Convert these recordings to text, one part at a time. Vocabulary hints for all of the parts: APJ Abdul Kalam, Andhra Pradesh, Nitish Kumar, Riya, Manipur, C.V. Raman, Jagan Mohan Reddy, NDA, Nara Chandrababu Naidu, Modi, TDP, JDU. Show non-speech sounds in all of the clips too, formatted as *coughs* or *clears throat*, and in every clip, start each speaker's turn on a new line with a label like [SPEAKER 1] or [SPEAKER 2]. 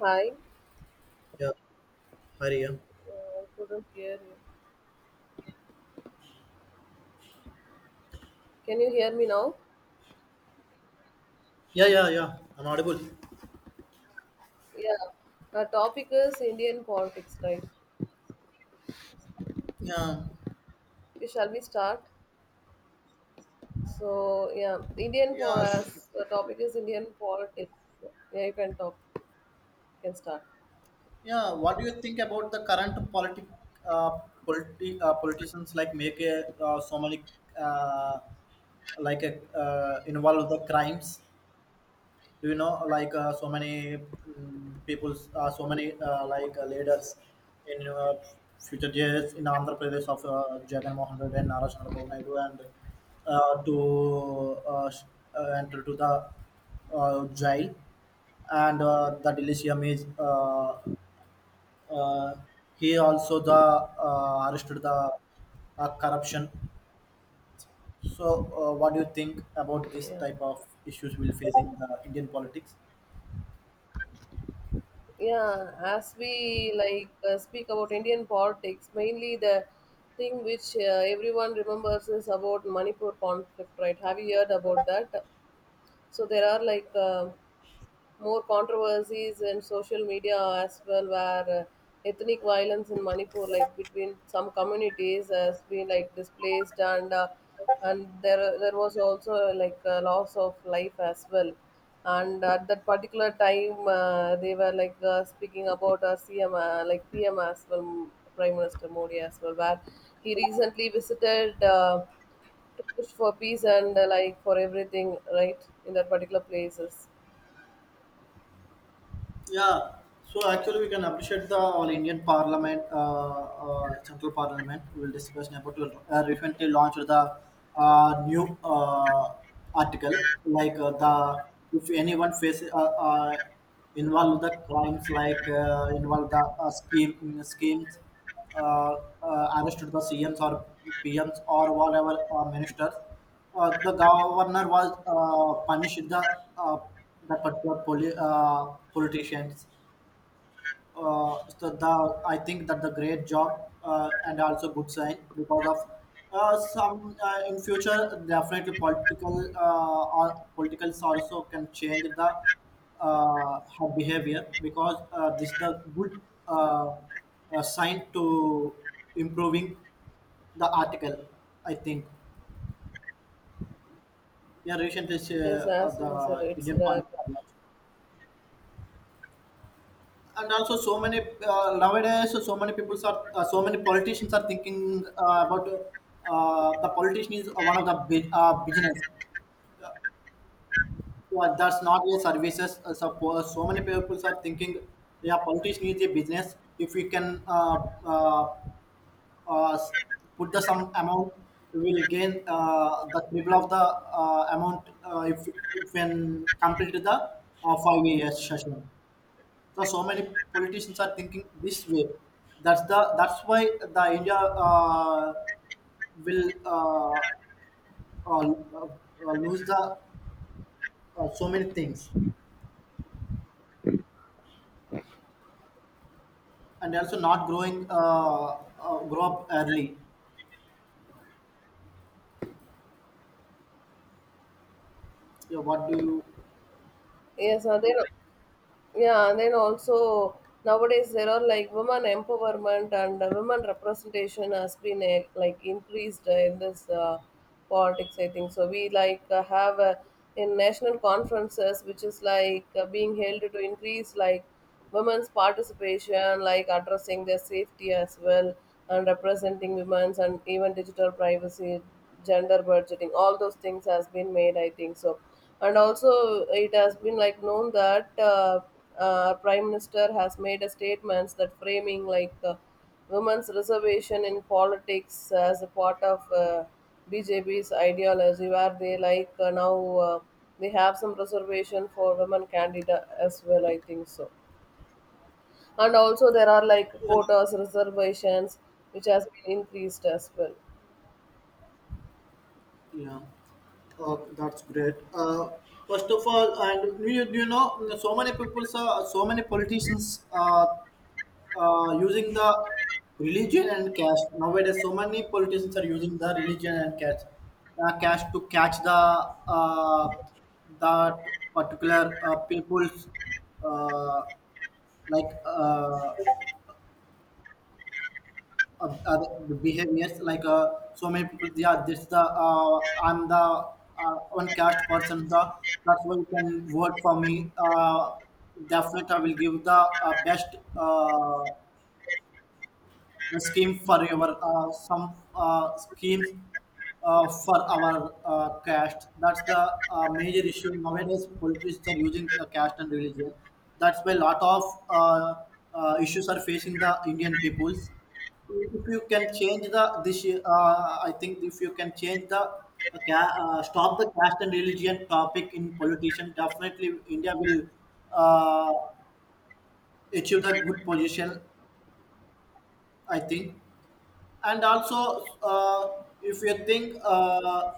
[SPEAKER 1] Hi,
[SPEAKER 2] Yeah, hi Riya.
[SPEAKER 1] I couldn't hear you. Can you hear me now?
[SPEAKER 2] Yeah, yeah, yeah. I'm audible.
[SPEAKER 1] Yeah. Our topic is Indian politics, right?
[SPEAKER 2] Yeah,
[SPEAKER 1] Shall we start? So yeah, Indian for
[SPEAKER 2] yeah, sh-
[SPEAKER 1] us. The topic is Indian politics. Yeah, you can talk. You can start.
[SPEAKER 2] yeah. What do you think about the current uh, politicians like make a, so many uh, like a, involve the crimes? Do you know like so many people, so many like leaders in future years in Andhra Pradesh of Jagan Mohan Reddy and Nara Chandrababu Naidu and uh, to uh, sh- enter to the jail, and the delicium is uh, he also the arrested the corruption, so what do you think about this
[SPEAKER 1] Yeah.
[SPEAKER 2] type of issues we'll face in the Indian politics?
[SPEAKER 1] Yeah, as we speak about Indian politics, mainly the thing which everyone remembers is about Manipur conflict, right? Have you heard about that? So there are more controversies in social media as well, where ethnic violence in Manipur, like between some communities, has been like displaced, and there was also like a loss of life as well. And at that particular time, they were speaking about our CM, like PM as well, Prime Minister Modi as well, where he recently visited to push for peace and like for everything, right, in that particular places.
[SPEAKER 2] Yeah, so actually we can appreciate the all Indian Parliament, Central Parliament. We will discuss about will recently launched the new article like the if anyone faces involved the crimes like involved the scheme schemes uh, arrested the CMs or PMs or whatever ministers. The governor was punished the uh, the particular politicians. So the I think that the great job, and also good sign, because of some in future definitely political or politicals also can change the her behavior, because this the good uh, sign to improving the article, I think. Yeah, recently
[SPEAKER 1] Yes, as you said,
[SPEAKER 2] the
[SPEAKER 1] it's
[SPEAKER 2] Indian point,
[SPEAKER 1] like
[SPEAKER 2] and also so many nowadays, so many people are so many politicians are thinking about the politician is one of the big, business. Well, that's not a services. Suppose so many people are thinking, yeah, politician is a business. If we can uh, s- put the some amount, we will gain the triple of the amount if when complete the five years session. So so many politicians are thinking this way. That's why the India will uh, lose the so many things, and also not growing grow up early. Yeah, what do you?
[SPEAKER 1] yes, and then yeah, and then also nowadays there are like women empowerment and women representation has been like increased in this politics. I think so. We have in national conferences, which is being held to increase like women's participation, like addressing their safety as well, and representing women's and even digital privacy, gender budgeting, all those things has been made, I think so, and also it has been like known that prime minister has made a statements that framing women's reservation in politics as a part of BJP's ideology, where they now they have some reservation for women candidate as well, I think so. And also there are like
[SPEAKER 2] Yeah,
[SPEAKER 1] quotas, reservations, which has been increased as well.
[SPEAKER 2] yeah. That's great. First of all, and you know, so many people, so many politicians using the religion and cash. Nowadays so many politicians are using the religion and cash, cash to catch the uh, that particular people's uh, like uh, uh, uh, behaviors like so many people, they this the, I'm the uh, one caste person, the that's why you can vote for me. Definitely I will give the best a scheme for your some schemes for our caste. That's the major issue nowadays. Politicians are using the caste and religion. That's why a lot of uh, issues are facing the Indian peoples. If you can change the this, I think if you can change the stop the caste and religion topic in politician, definitely India will uh, achieve the good position, I think. And also if you think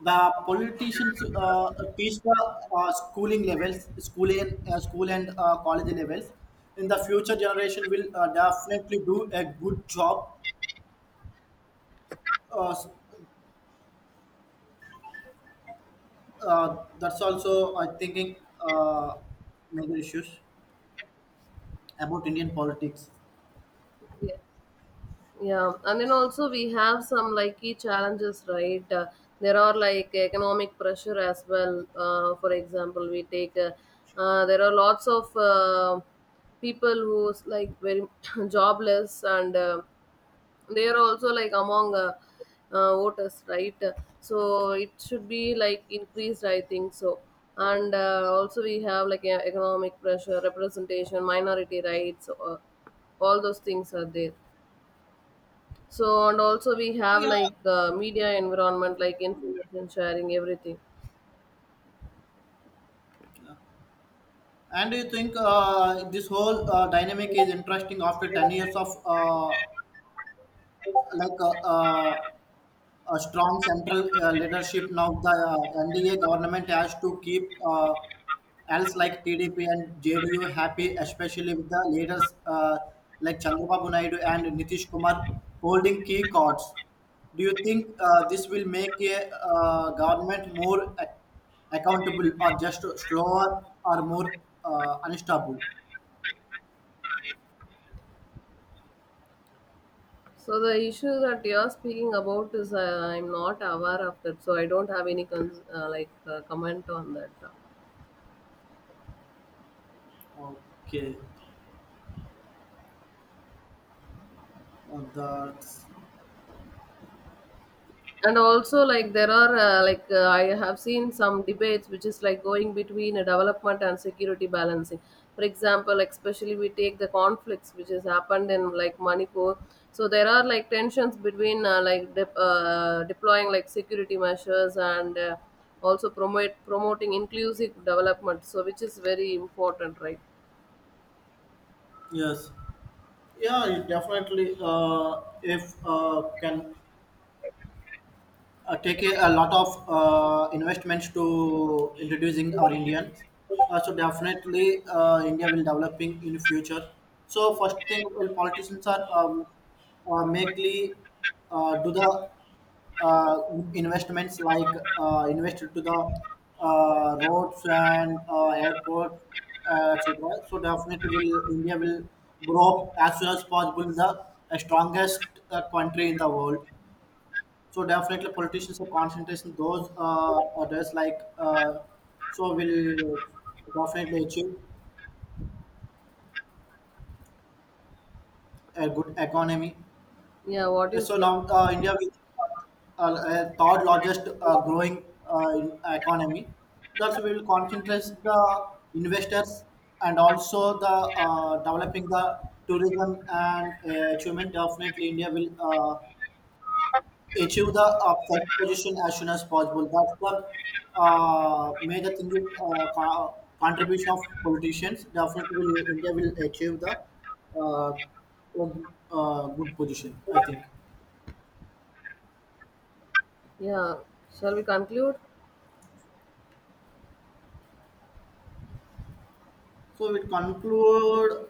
[SPEAKER 2] the politicians teach the school and college levels, in the future generation will definitely do a good job. uh, that's also I thinking uh, major issues about Indian politics.
[SPEAKER 1] Yeah, yeah, and then also we have some like key challenges, right? There are like economic pressure as well. For example, we take there are lots of people who's like very *coughs* *clears throat* jobless, and they are also like among voters, right? So it should be like increased, I think so. And also we have like economic pressure, representation, minority rights, all those things are there. So and also we have media environment like information sharing, everything.
[SPEAKER 2] And do you think this whole dynamic is interesting after 10 years of like uh, uh, a strong central leadership. Now the NDA government has to keep, else like, TDP and JDU happy, especially with the leaders like Chandrababu Naidu and Nitish Kumar holding key cards. Do you think this will make a government more accountable, or just slower or more unstable?
[SPEAKER 1] So the issue that you're speaking about is, I'm not aware of that, so I don't have any comment on that.
[SPEAKER 2] Okay, that's
[SPEAKER 1] And also, like, there are I have seen some debates which is like going between a development and security balancing. For example, like especially we take the conflicts which has happened in like Manipur. So there are like tensions between deploying like security measures and also promote promoting inclusive development, so which is very important, right?
[SPEAKER 2] yes. Yeah, it definitely. If can take a lot of investments to introducing our Indians. So definitely, India will developing in future. So first thing, well, politicians are mainly do the uh, investments like invested to the roads and airport, etc. So definitely, will India will grow up as soon as possible the strongest country in the world. So definitely, politicians are concentration those others like so will definitely achieve a good economy.
[SPEAKER 1] Yeah, what do you
[SPEAKER 2] So
[SPEAKER 1] say?
[SPEAKER 2] now India is third largest growing economy. Thus, we will concentrate the investors, and also the developing the tourism and achievement. Definitely, India will achieve the first position as soon as possible. That's the major thing is contribution of politicians. Definitely, will, India will achieve the uh, good position, I think.
[SPEAKER 1] Yeah, shall we conclude?
[SPEAKER 2] So we conclude.